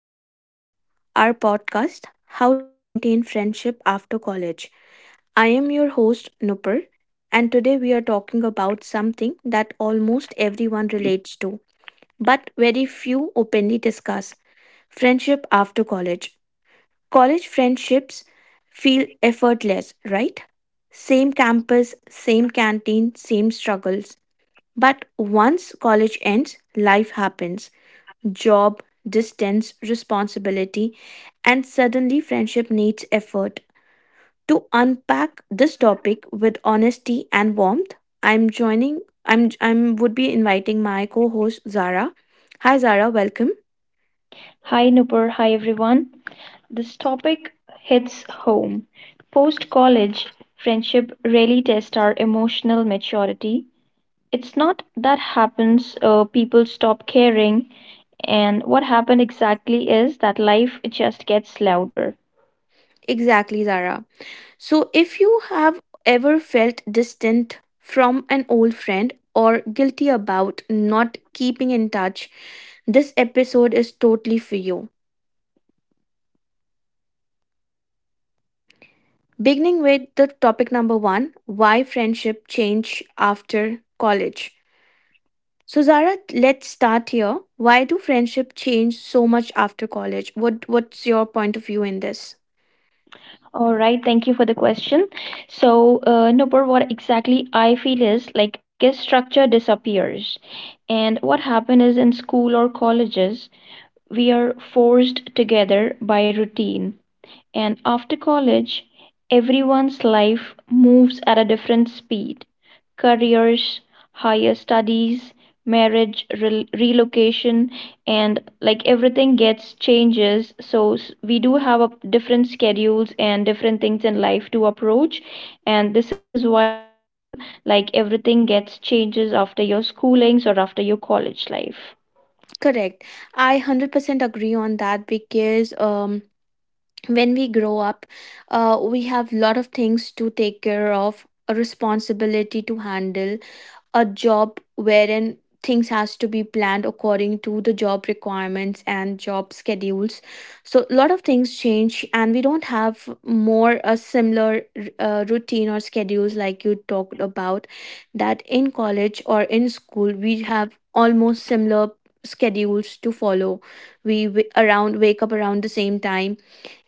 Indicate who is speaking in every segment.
Speaker 1: back to our podcast, How to Maintain Friendship After College. I am your host, Nupur, and today we are talking about something that almost everyone relates to, but very few openly discuss friendship after college. College friendships feel effortless, right? Same campus, same canteen, same struggles. But once college ends, life happens job, distance, responsibility, and suddenly friendship needs effort. To unpack this topic with honesty and warmth, I'm joining I'm would be inviting my co-host Zara. Hi Zara, welcome.
Speaker 2: Hi Nupur, hi everyone. This topic hits home. Post college, friendship really tests our emotional maturity. It's not that happens, people stop caring, and what happened exactly is that life just gets louder.
Speaker 1: Exactly, Zara. So if you have ever felt distant from an old friend or guilty about not keeping in touch, this episode is totally for you. Beginning with the topic number one why friendship change after college. So, Zara, let's start here. Why do friendship change so much after college? What's your point of view in this?
Speaker 2: All right, thank you for the question. So, Nupur, what exactly I feel is like because structure disappears, and what happened is in school or colleges, we are forced together by routine. And after college, everyone's life moves at a different speed: careers, higher studies, marriage, relocation, and like everything gets changes. So we do have a different schedules and different things in life to approach. And this is why I feel like everything gets changes after your schoolings or after your college life.
Speaker 1: Correct. I 100% agree on that because when we grow up, we have lot of things to take care of, a responsibility to handle, a job wherein things has to be planned according to the job requirements and job schedules, so a lot of things change and we don't have more a similar routine or schedules like you talked about that in college or in school we have almost similar schedules to follow. Around wake up around the same time,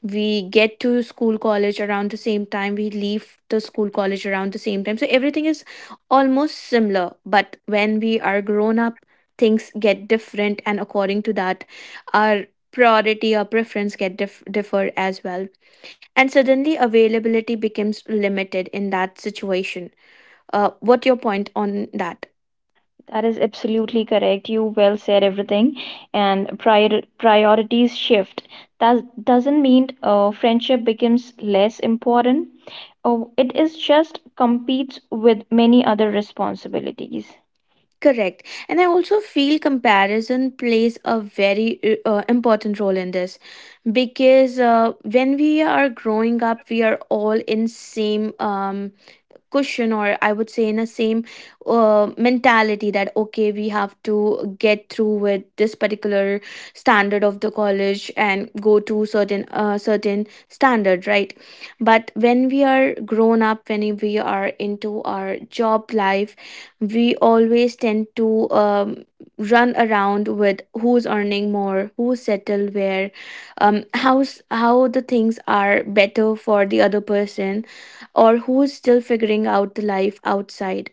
Speaker 1: we get to school college around the same time, we leave the school college around the same time, so everything is almost similar. But when we are grown up, things get different, and according to that, our priority or preference differ as well, and suddenly availability becomes limited in that situation. What your point on that?
Speaker 2: That is absolutely correct. You well said everything, and priorities shift. That doesn't mean friendship becomes less important. Oh, it is just competes with many other responsibilities.
Speaker 1: Correct. And I also feel comparison plays a very important role in this because when we are growing up, we are all in same cushion, or I would say in a same mentality that okay, we have to get through with this particular standard of the college and go to certain certain standard, right? But when we are grown up, when we are into our job life, we always tend to run around with who's earning more, who settled where, how's how the things are better for the other person, or who's still figuring out the life outside.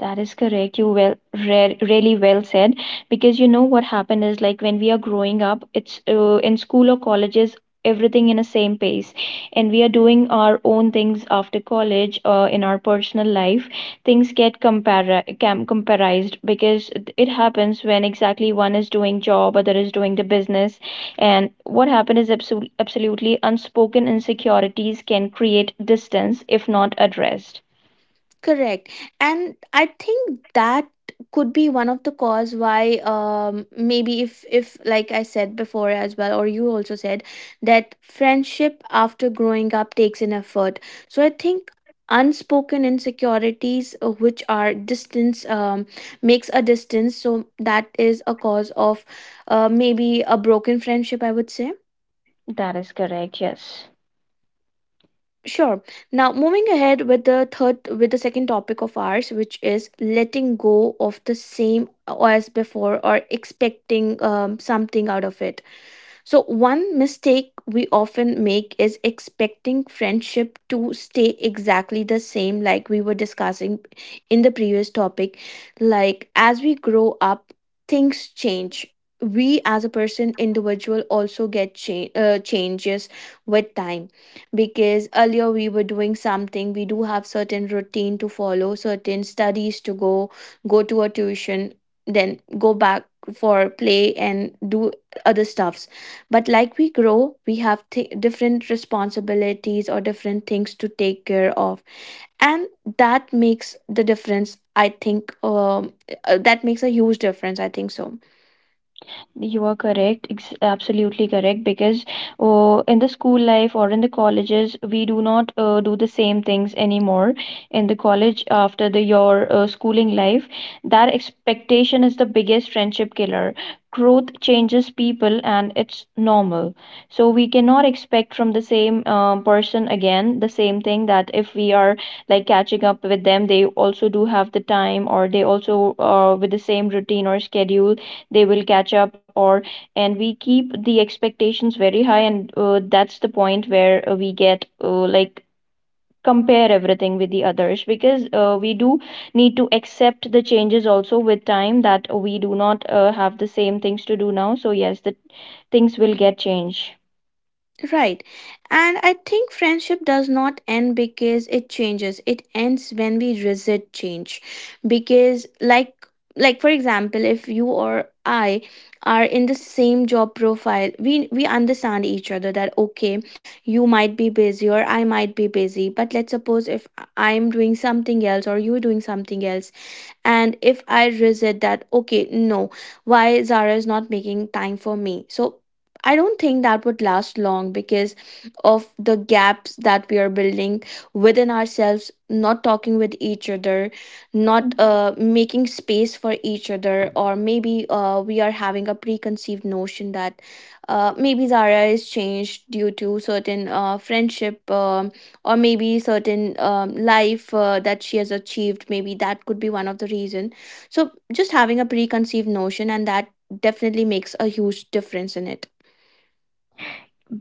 Speaker 2: That is correct. You well, re really well said. Because you know what happened is like when we are growing up, it's in school or colleges, everything in a same pace, and we are doing our own things after college or in our personal life. Things get compara cam comparized because it happens when exactly one is doing job, other is doing the business, and what happened is absolutely unspoken insecurities can create distance if not addressed.
Speaker 1: Correct. And I think that could be one of the cause why maybe if like I said before as well, or you also said that friendship after growing up takes an effort. So I think unspoken insecurities, which are distance um, makes a distance, so that is a cause of maybe a broken friendship, I would say.
Speaker 2: That is correct. Yes.
Speaker 1: Sure. Now, moving ahead with the third, with the second topic of ours, which is letting go of the same as before or expecting something out of it. So, one mistake we often make is expecting friendship to stay exactly the same, like we were discussing in the previous topic. Like, as we grow up, things change. We, as a person, individual, also get changes with time, because earlier we were doing something, we do have certain routine to follow, certain studies to go, go to a tuition, then go back for play and do other stuffs. But like we grow, we have different responsibilities or different things to take care of. And that makes the difference, I think. That makes a huge difference, I think so.
Speaker 2: You are correct, absolutely correct. Because in the school life or in the colleges, we do not do the same things anymore. In the college, after the your schooling life, that expectation is the biggest friendship killer. Growth changes people, and it's normal. So we cannot expect from the same person again the same thing. That if we are like catching up with them, they also do have the time, or they also with the same routine or schedule they will catch up or and we keep the expectations very high, and that's the point where we get like compare everything with the others, because we do need to accept the changes also with time, that we do not have the same things to do now. So yes, the things will get changed.
Speaker 1: Right. And I think friendship does not end because it changes. It ends when we resist change. Because like for example, if you or I are in the same job profile, we understand each other that okay, you might be busy or I might be busy. But let's suppose if I'm doing something else or you're doing something else, and if I resist that okay, no, why Zara is not making time for me, so I don't think that would last long because of the gaps that we are building within ourselves, not talking with each other, not making space for each other, or maybe we are having a preconceived notion that maybe Zara is changed due to certain friendship um, or maybe certain life that she has achieved, maybe that could be one of the reason. So just having a preconceived notion, and that definitely makes a huge difference in it.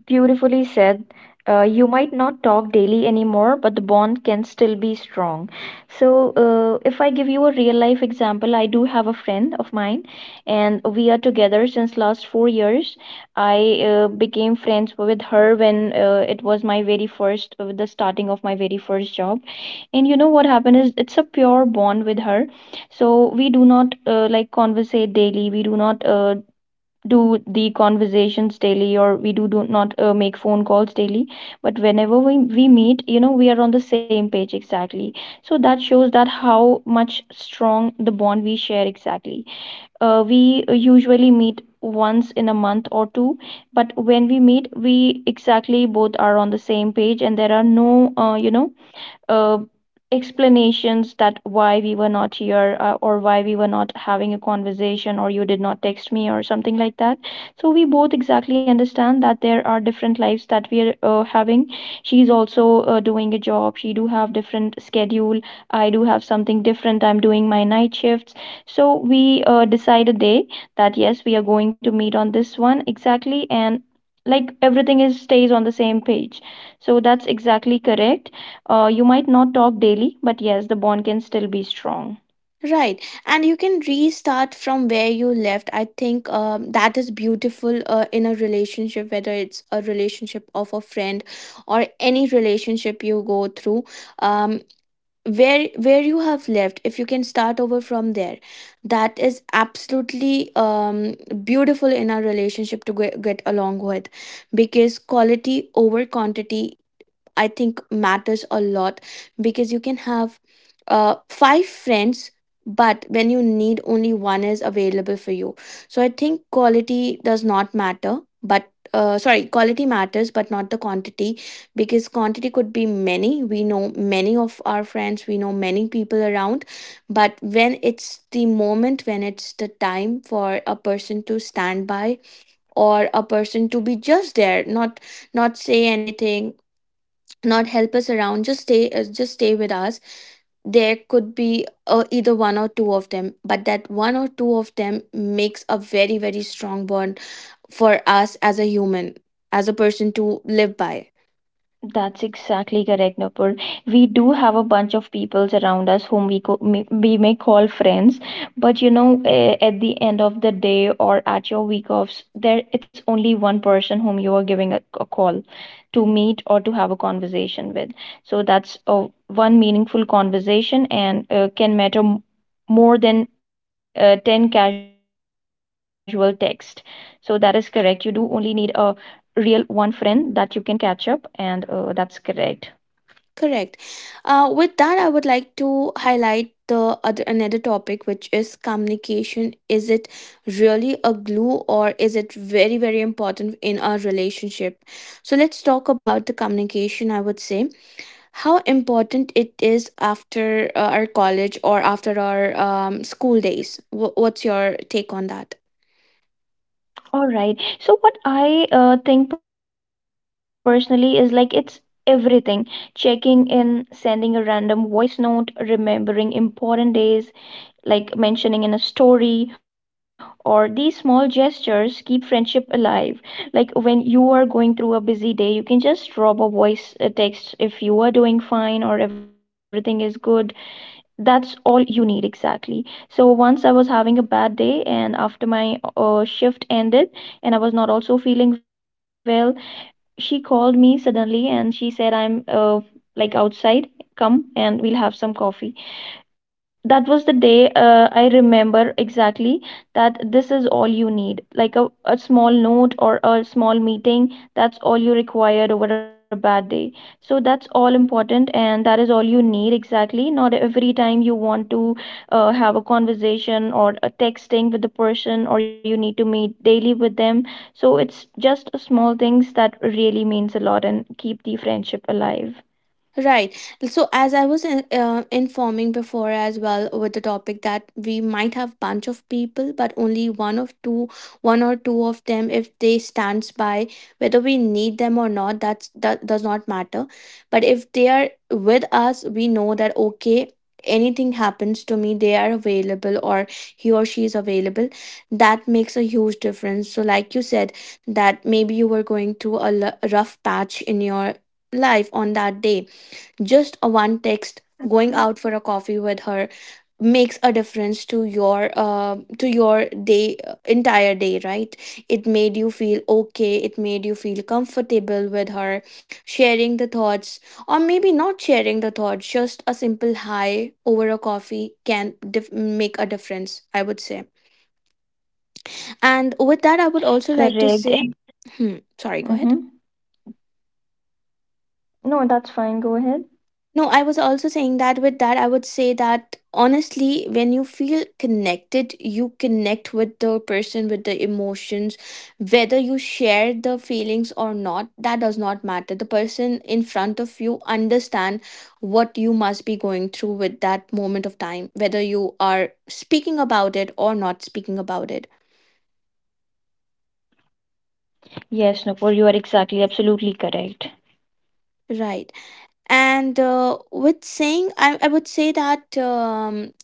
Speaker 2: Beautifully said. You might not talk daily anymore, but the bond can still be strong. So, if I give you a real life example, I do have a friend of mine, and we are together since last 4 years. I became friends with her when it was my very first, the starting of my very first job. And you know what happened is it's a pure bond with her. So, we do not like conversate daily. We do not do the conversations daily, or we do not make phone calls daily, but whenever we meet, you know, we are on the same page exactly. So that shows that how much strong the bond we share exactly. We usually meet once in a month or two, but when we meet we exactly both are on the same page, and there are no you know, uh, explanations that why we were not here or why we were not having a conversation, or you did not text me or something like that. So we both exactly understand that there are different lives that we are having. She's also doing a job, she do have different schedule. I do have something different, I'm doing my night shifts. So we decide a day that yes, we are going to meet on this one exactly, and like everything is stays on the same page. So that's exactly correct. You might not talk daily, but yes, the bond can still be strong.
Speaker 1: Right, and you can restart from where you left. I think that is beautiful in a relationship, whether it's a relationship of a friend or any relationship you go through. Um, where you have left, if you can start over from there, that is absolutely beautiful in our relationship to get along with, because quality over quantity, I think, matters a lot. Because you can have five friends, but when you need, only one is available for you. So I think quality does not matter, but sorry, quality matters, but not the quantity, because quantity could be many. We know many of our friends, we know many people around, but when it's the moment, when it's the time for a person to stand by, or a person to be just there, not not say anything, not help us around, just stay with us, there could be either one or two of them, but that one or two of them makes a very strong bond for us as a human, as a person to live by.
Speaker 2: That's exactly correct, Nupur. We do have a bunch of peoples around us whom we may call friends, but you know, at the end of the day or at your week offs, there it's only one person whom you are giving a call to meet or to have a conversation with. So that's one meaningful conversation, and can matter more than 10 casual text. So that is correct. You do only need a real one friend that you can catch up, and that's correct.
Speaker 1: Correct. With that, I would like to highlight the other another topic, which is communication. Is it really a glue, or is it very important in our relationship? So let's talk about the communication, I would say, how important it is after our college or after our school days. What's your take on that?
Speaker 2: All right, so what I think personally is like it's everything: checking in, sending a random voice note, remembering important days, like mentioning in a story, or these small gestures keep friendship alive. Like when you are going through a busy day, you can just drop a voice text if you are doing fine or everything is good. That's all you need exactly. So once I was having a bad day, and after my shift ended, and I was not also feeling well, she called me suddenly and she said I'm like outside, come and we'll have some coffee. That was the day I remember exactly, that this is all you need, like a small note or a small meeting. That's all you required over a bad day. So that's all important, and that is all you need exactly. Not every time you want to have a conversation or a texting with the person, or you need to meet daily with them. So it's just small things that really means a lot and keep the friendship alive.
Speaker 1: Right. So, as I was in, informing before as well with the topic that we might have bunch of people, but only one of two, one or two of them, if they stands by, whether we need them or not, that's that does not matter. But if they are with us, we know that okay, anything happens to me, they are available, or he or she is available. That makes a huge difference. So, like you said, that maybe you were going through a rough patch in your life on that day, just a one text, going
Speaker 2: Mhm.
Speaker 1: out for a coffee with her, makes a difference to your day entire day, right? It made you feel okay, it made you feel comfortable with her, sharing the thoughts, or maybe not sharing the thoughts. Just a simple hi over a coffee can make a difference, I would say. And with that, I would also like to
Speaker 2: Correct.
Speaker 1: say, hmm, sorry, go ahead.
Speaker 2: Mm-hmm. No, that's fine, go ahead.
Speaker 1: No, I was also saying that with that, I would say that honestly, when you feel connected, you connect with the person, with the emotions, whether you share the feelings or not, that does not matter. The person in front of you understand what you must be going through with that moment of time, whether you are speaking about it or not speaking about it.
Speaker 2: Yes, Nupur, you are exactly, absolutely correct.
Speaker 1: Right. And with saying, I would say that.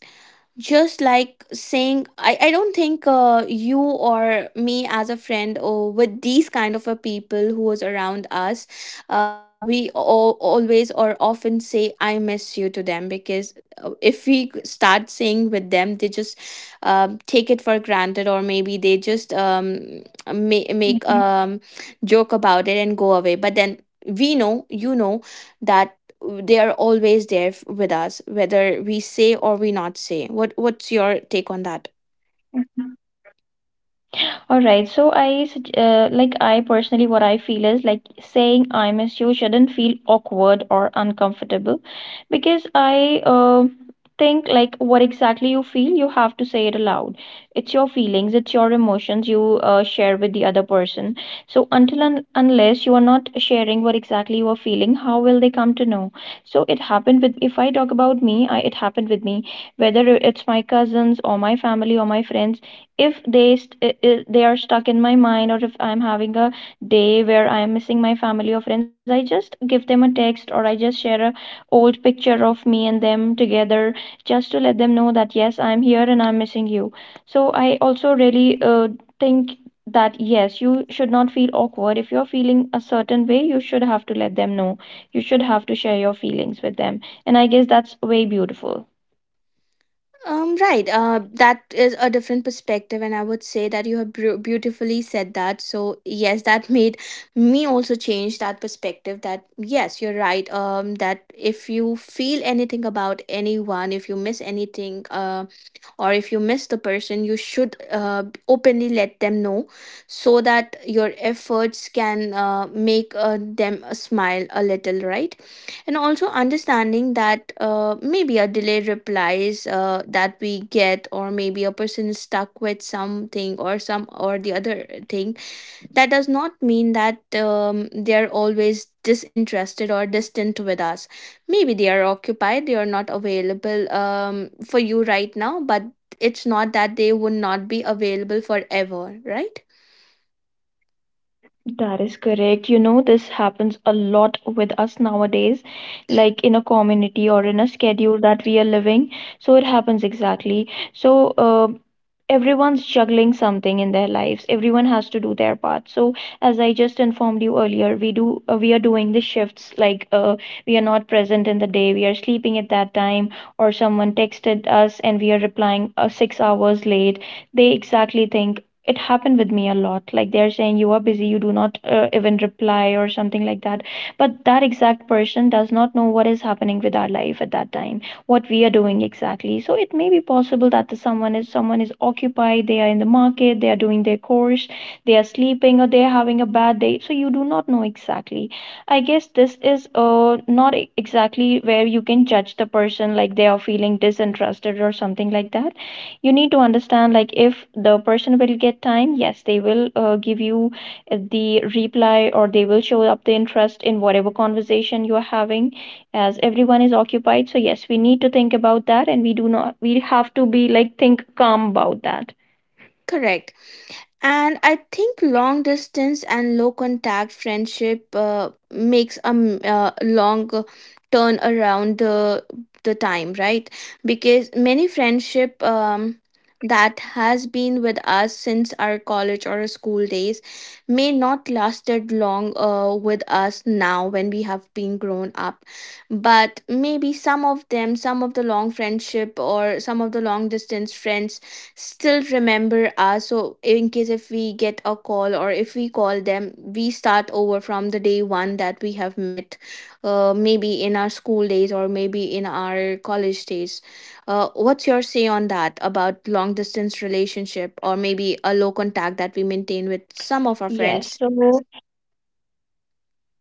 Speaker 1: Just like saying I don't think you or me as a friend, or with these kind of a people who was around us, we always or often say I miss you to them, because if we start saying with them, they just take it for granted, or maybe they just make
Speaker 2: Mhm,
Speaker 1: joke about it and go away. But then we know, you know, that they are always there with us, whether we say or we not say. What's your take on that?
Speaker 2: mhm. All right. So I sug- like I personally what I feel is like saying I miss you shouldn't feel awkward or uncomfortable, because I think like what exactly you feel you have to say it aloud. It's your feelings, it's your emotions you share with the other person. So until and unless you are not sharing what exactly you are feeling, how will they come to know? So it happened with if I talk about me, I it happened with me, whether it's my cousins or my family or my friends. If they st- I- they are stuck in my mind, or if I'm having a day where I'm missing my family or friends, I just give them a text, or I just share a old picture of me and them together, just to let them know that yes, I'm here and I'm missing you. So I also really think that yes, you should not feel awkward. If you're feeling a certain way, you should have to let them know, you should have to share your feelings with them, and I guess that's way beautiful.
Speaker 1: Right. That is a different perspective, and I would say that you have beautifully said that. So yes, that made me also change that perspective. That yes, you're right. That if you feel anything about anyone, if you miss anything, or if you miss the person, you should openly let them know, so that your efforts can make them smile a little, right? And also understanding that maybe a delayed replies that we get, or maybe a person is stuck with something or some or the other thing, that does not mean that they are always disinterested or distant with us. Maybe they are occupied, they are not available for you right now, but it's not that they would not be available forever, right?
Speaker 2: That is correct. You know, this happens a lot with us nowadays, like in a community or in a schedule that we are living. So it happens exactly. So, everyone's juggling something in their lives. Everyone has to do their part. So, as I just informed you earlier, we are doing the shifts. Like, we are not present in the day. We are sleeping at that time, or someone texted us and we are replying 6 hours late. They exactly think it happened with me a lot, like they're saying you are busy, you do not even reply or something like that. But that exact person does not know what is happening with our life at that time, what we are doing exactly. So it may be possible that the someone is occupied, they are in the market, they are doing their course, they are sleeping, or they are having a bad day. So you do not know exactly. I guess this is not e- exactly where you can judge the person like they are feeling disinterested or something like that. You need to understand like if the person will get time, yes, they will give you the reply, or they will show up the interest in whatever conversation you are having. As everyone is occupied, so yes, we need to think about that, and we do not we have to be like think calm about that.
Speaker 1: Correct. And I think long distance and low contact friendship makes a long turn around the time, right? Because many friendship that has been with us since our college or school days may not lasted long with us now when we have been grown up. But maybe some of the long friendship or some of the long distance friends still remember us. So in case if we get a call or if we call them, we start over from the day one that we have met, maybe in our school days or maybe in our college days. Uh, what's your say on that about long distance relationship or maybe a low contact that we maintain with some of our
Speaker 2: Yes,
Speaker 1: friends?
Speaker 2: so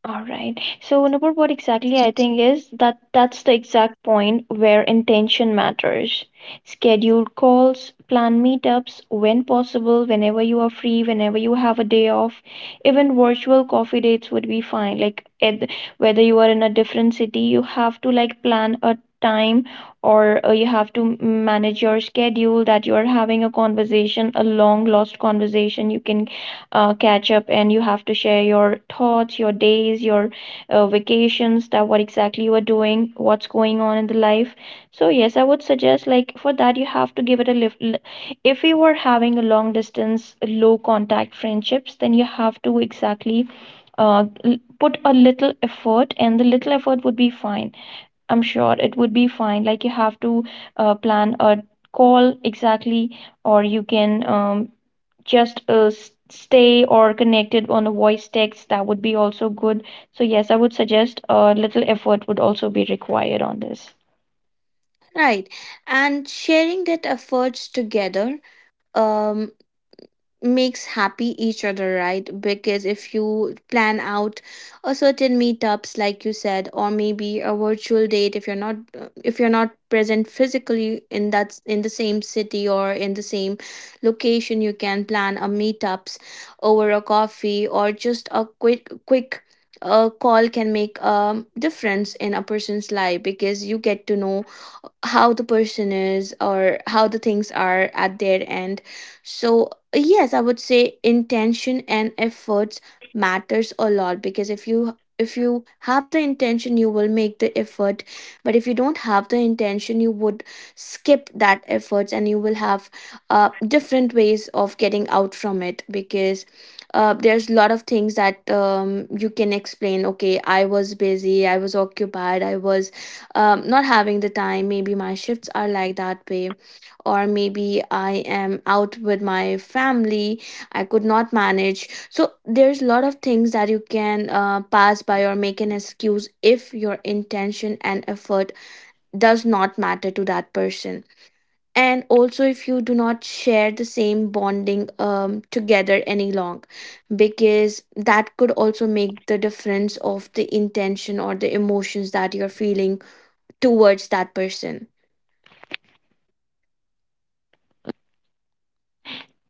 Speaker 2: alright. So Nupur, what exactly I think is that that's the exact point where intention matters. Scheduled calls, plan meetups when possible, whenever you are free, whenever you have a day off. Even virtual coffee dates would be fine. Whether you are in a different city, you have to like plan a time, or you have to manage your schedule, that you are having a conversation, a long lost conversation. You can catch up, and you have to share your thoughts, your days, your vacations, that what exactly you are doing, what's going on in the life. So yes, I would suggest like for that you have to give it a lift. If you were having a long distance, low contact friendships, then you have to exactly put a little effort, and the little effort would be fine. I'm sure it would be fine. Like you have to plan a call exactly, or you can stay or connected on a voice text. That would be also good. So yes, I would suggest a little effort would also be required on this.
Speaker 1: Right, and sharing that efforts together, um makes happy each other, right? Because if you plan out a certain meetups like you said, or maybe a virtual date, if you're not, if you're not present physically in that, in the same city or in the same location, you can plan a meetups over a coffee, or just a quick a call can make a difference in a person's life, because you get to know how the person is or how the things are at their end. So yes, I would say intention and efforts matters a lot, because if you have the intention, you will make the effort. But if you don't have the intention, you would skip that efforts and you will have different ways of getting out from it. Because there's a lot of things that you can explain. Okay, I was busy, I was occupied, I was not having the time, maybe my shifts are like that way, or maybe I am out with my family, I could not manage. So there's a lot of things that you can pass by or make an excuse if your intention and effort does not matter to that person. And also if you do not share the same bonding together any long, because that could also make the difference of the intention or the emotions that you're feeling towards that person.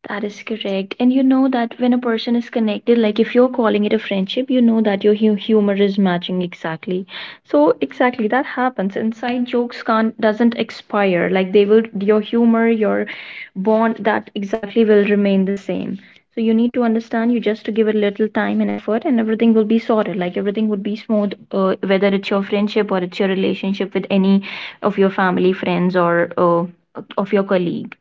Speaker 2: That is correct. And you know that when a person is connected, like if you're calling it a friendship, you know that your humor is matching exactly. So exactly that happens. Inside jokes can't doesn't expire. Like they will, your humor, your bond, that exactly will remain the same. So you need to understand you just to give it a little time and effort and everything will be sorted. Like everything would be smooth, whether it's your friendship or it's your relationship with any of your family, friends, or of your colleagues.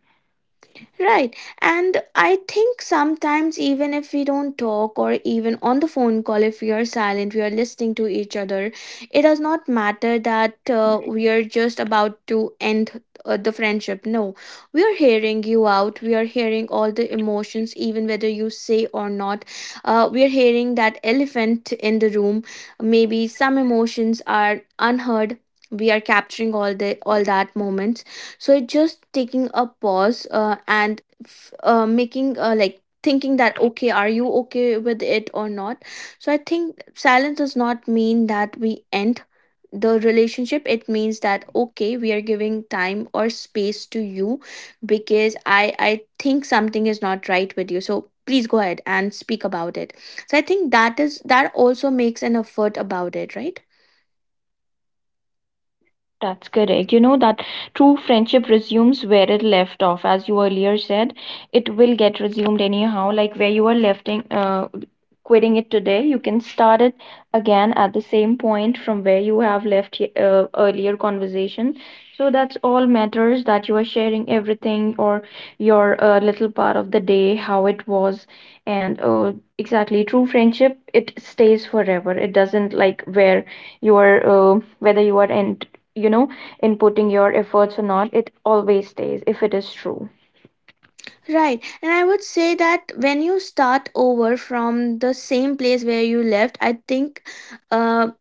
Speaker 1: Right, and I think sometimes even if we don't talk, or even on the phone call, if we are silent, we are listening to each other. It does not matter that we are just about to end the friendship. No, we are hearing you out, we are hearing all the emotions, even whether you say or not. Uh, we are hearing that elephant in the room. Maybe some emotions are unheard, we are capturing all that moment. So it just taking a pause and making like thinking that, okay, are you okay with it or not? So I think silence does not mean that we end the relationship. It means that, okay, we are giving time or space to you, because I think something is not right with you, so please go ahead and speak about it. So I think that is, that also makes an effort about it, right?
Speaker 2: That's correct. You know that true friendship resumes where it left off, as you earlier said. It will get resumed anyhow, like where you are left in, quitting it today. You can start it again at the same point from where you have left earlier conversation. So that's all matters, that you are sharing everything or your little part of the day, how it was, and exactly true friendship. It stays forever. It doesn't like where you are, whether you are in, you know, inputting your efforts or not. It always stays if it is true.
Speaker 1: Right. And I would say that when you start over from the same place where you left, I think uh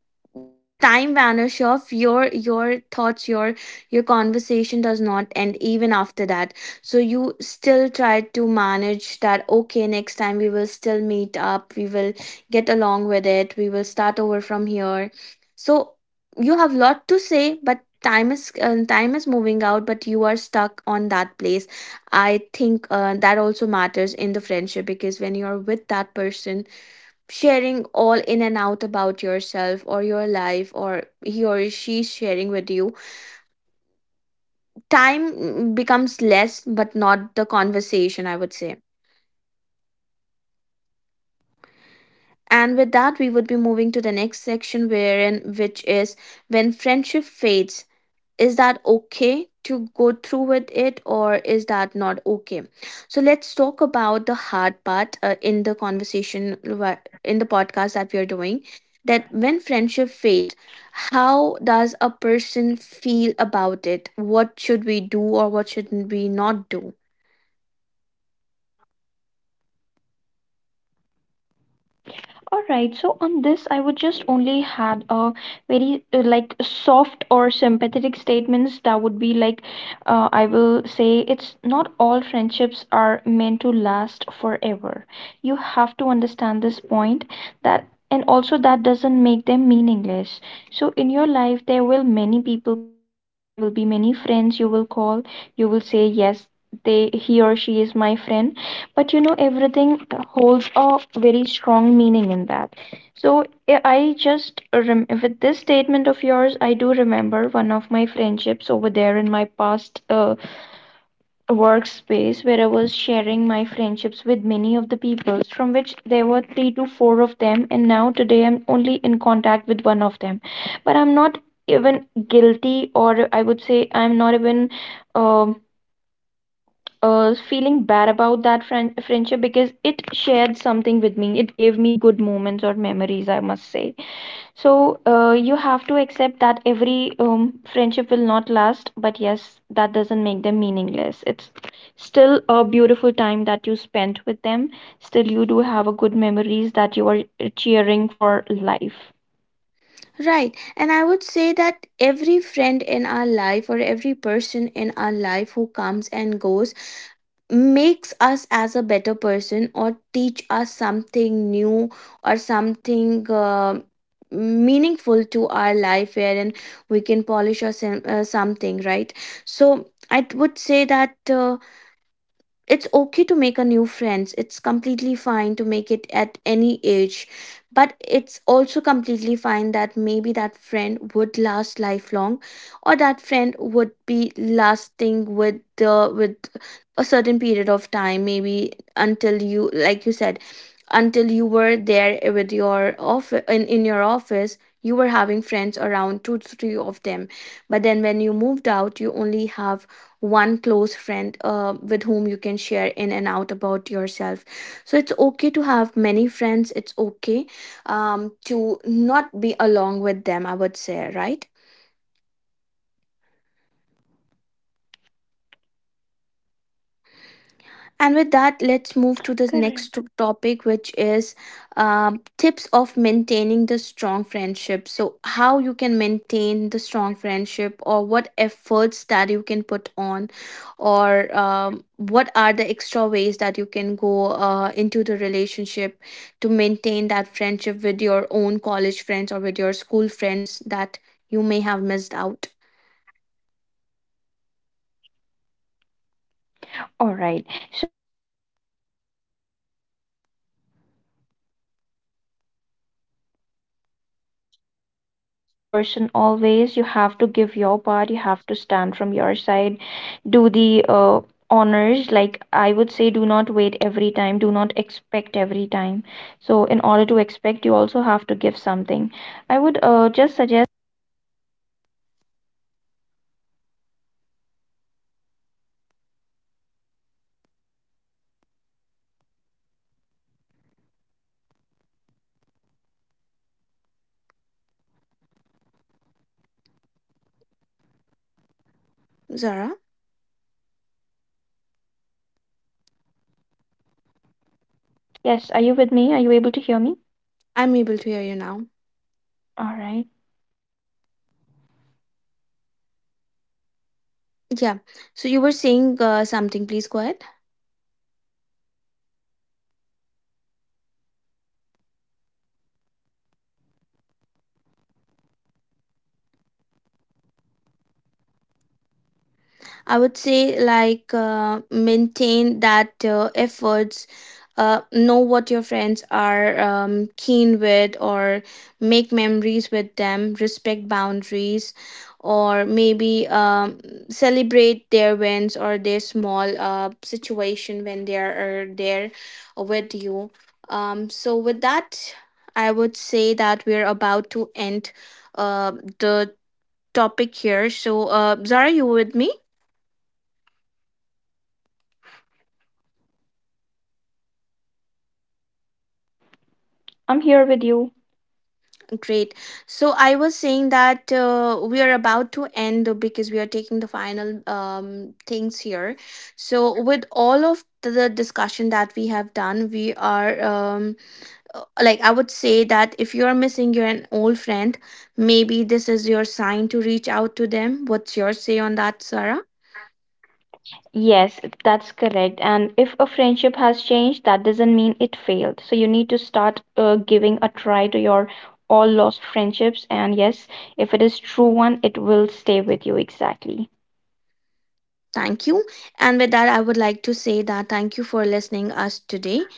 Speaker 1: just time vanish off your your thoughts, your your conversation does not end even after that. So you still try to manage that, okay, next time we will still meet up, we will get along with it, we will start over from here. So you have lot to say, but time is moving out, but you are stuck on that place. I think that also matters in the friendship, because when you're with that person, sharing all in and out about yourself or your life, or he or she's sharing with you, time becomes less, but not the conversation, I would say. And with that, we would be moving to the next section, wherein which is when friendship fades. Is that okay to go through with it, or is that not okay? So let's talk about the hard part in the conversation, in the podcast that we are doing, that when friendship fades, how does a person feel about it? What should we do, or what should we not do?
Speaker 2: All right. So on this, I would just only had a very like soft or sympathetic statements that would be like, I will say it's not all friendships are meant to last forever. You have to understand this point, that, and also that doesn't make them meaningless. So in your life there will many people come and go. There will be many friends you will call, you will say yes, they, he or she is my friend. But you know, everything holds a very strong meaning in that. So I with this statement of yours, I do remember one of my friendships over there in my past workspace, where I was sharing my friendships with many of the people, from which there were three to four of them, and now today I'm only in contact with one of them. But I'm not even guilty, or I would say I'm not even um feeling bad about that friendship, because it shared something with me. It gave me good moments or memories, I must say. So you have to accept that every friendship will not last, but yes, that doesn't make them meaningless. It's still a beautiful time that you spent with them. Still, you do have a good memories that you are cheering for life.
Speaker 1: Right. And I would say that every friend in our life, or every person in our life who comes and goes, makes us as a better person, or teach us something new, or something meaningful to our life, wherein we can polish or some, something, right? So I would say that it's okay to make a new friends, it's completely fine to make it at any age. But it's also completely fine that maybe that friend would last lifelong, or that friend would be lasting with the with a certain period of time, maybe until you, like you said, until you were there with your office in your office, you were having friends around two to three of them. But then when you moved out, you only have one close friend with whom you can share in and out about yourself. So it's okay to have many friends, it's okay to not be along with them, I would say, right? And with that, let's move to the
Speaker 2: Correct.
Speaker 1: next topic, which is tips of maintaining the strong friendship. So how you can maintain the strong friendship, or what efforts that you can put on, or what are the extra ways that you can go into the relationship to maintain that friendship with your own college friends or with your school friends that you may have missed out.
Speaker 2: All right. So, like, I would only have something that I would say, like, you have to be intentional. Don't wait for the other person always. You have to give your part. You have to stand from your side. Do the honors. Like, I would say, do not wait every time. Do not expect every time. So, in order to expect, you also have to give something. I would just suggest,
Speaker 1: Zara,
Speaker 2: yes, are you with me? Are you able to hear me?
Speaker 1: I'm able to hear you now.
Speaker 2: All right.
Speaker 1: Yeah. So you were saying something, please go ahead. I would say like maintain that efforts. Know what your friends are keen with, or make memories with them. Respect boundaries, or maybe celebrate their wins or their small situation when they are there with you. So with that, I would say that we're about to end uh, the topic here. So Zara, you with me?
Speaker 2: I'm here with you.
Speaker 1: Great. So I was saying that we are about to end because we are taking the final things here. So with all of the discussion that we have done, we are like I would say that if you are missing your an old friend, maybe this is your sign to reach out to them. What's your say on that, Sarah?
Speaker 2: Yes, that's correct. And if a friendship has changed, that doesn't mean it failed. So you need to start giving a try to your all lost friendships. And yes, if it is true one, it will stay with you exactly.
Speaker 1: Thank you. And with that, I would like to say that thank you for listening us today.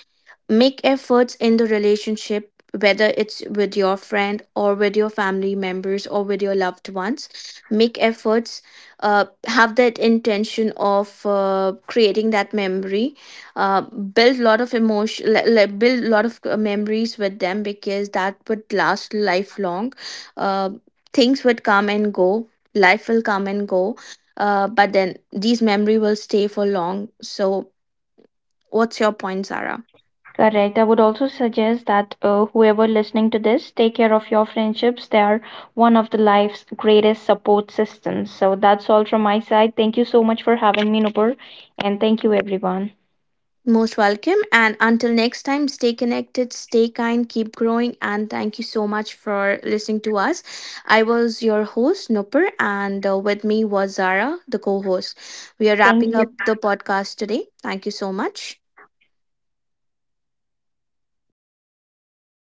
Speaker 1: Make efforts in the relationship, whether it's with your friend or with your family members or with your loved ones. Make efforts, have that intention of creating that memory. Build a lot of emotion, like build a lot of memories with them, because that would last lifelong. Uh, things would come and go, life will come and go. But then these memory will stay for long. So what's your point, Sarah?
Speaker 2: Correct. I would also suggest that whoever listening to this, take care of your friendships. They are one of the life's greatest support systems. So that's all from my side. Thank you so much for having me, Nupur, and thank you everyone.
Speaker 1: Most welcome. And until next time, stay connected, stay kind, keep growing. And thank you so much for listening to us. I was your host, Nupur, and with me was Zara, the co host. We are
Speaker 2: Thank
Speaker 1: wrapping
Speaker 2: you.
Speaker 1: up the podcast today. Thank you so much.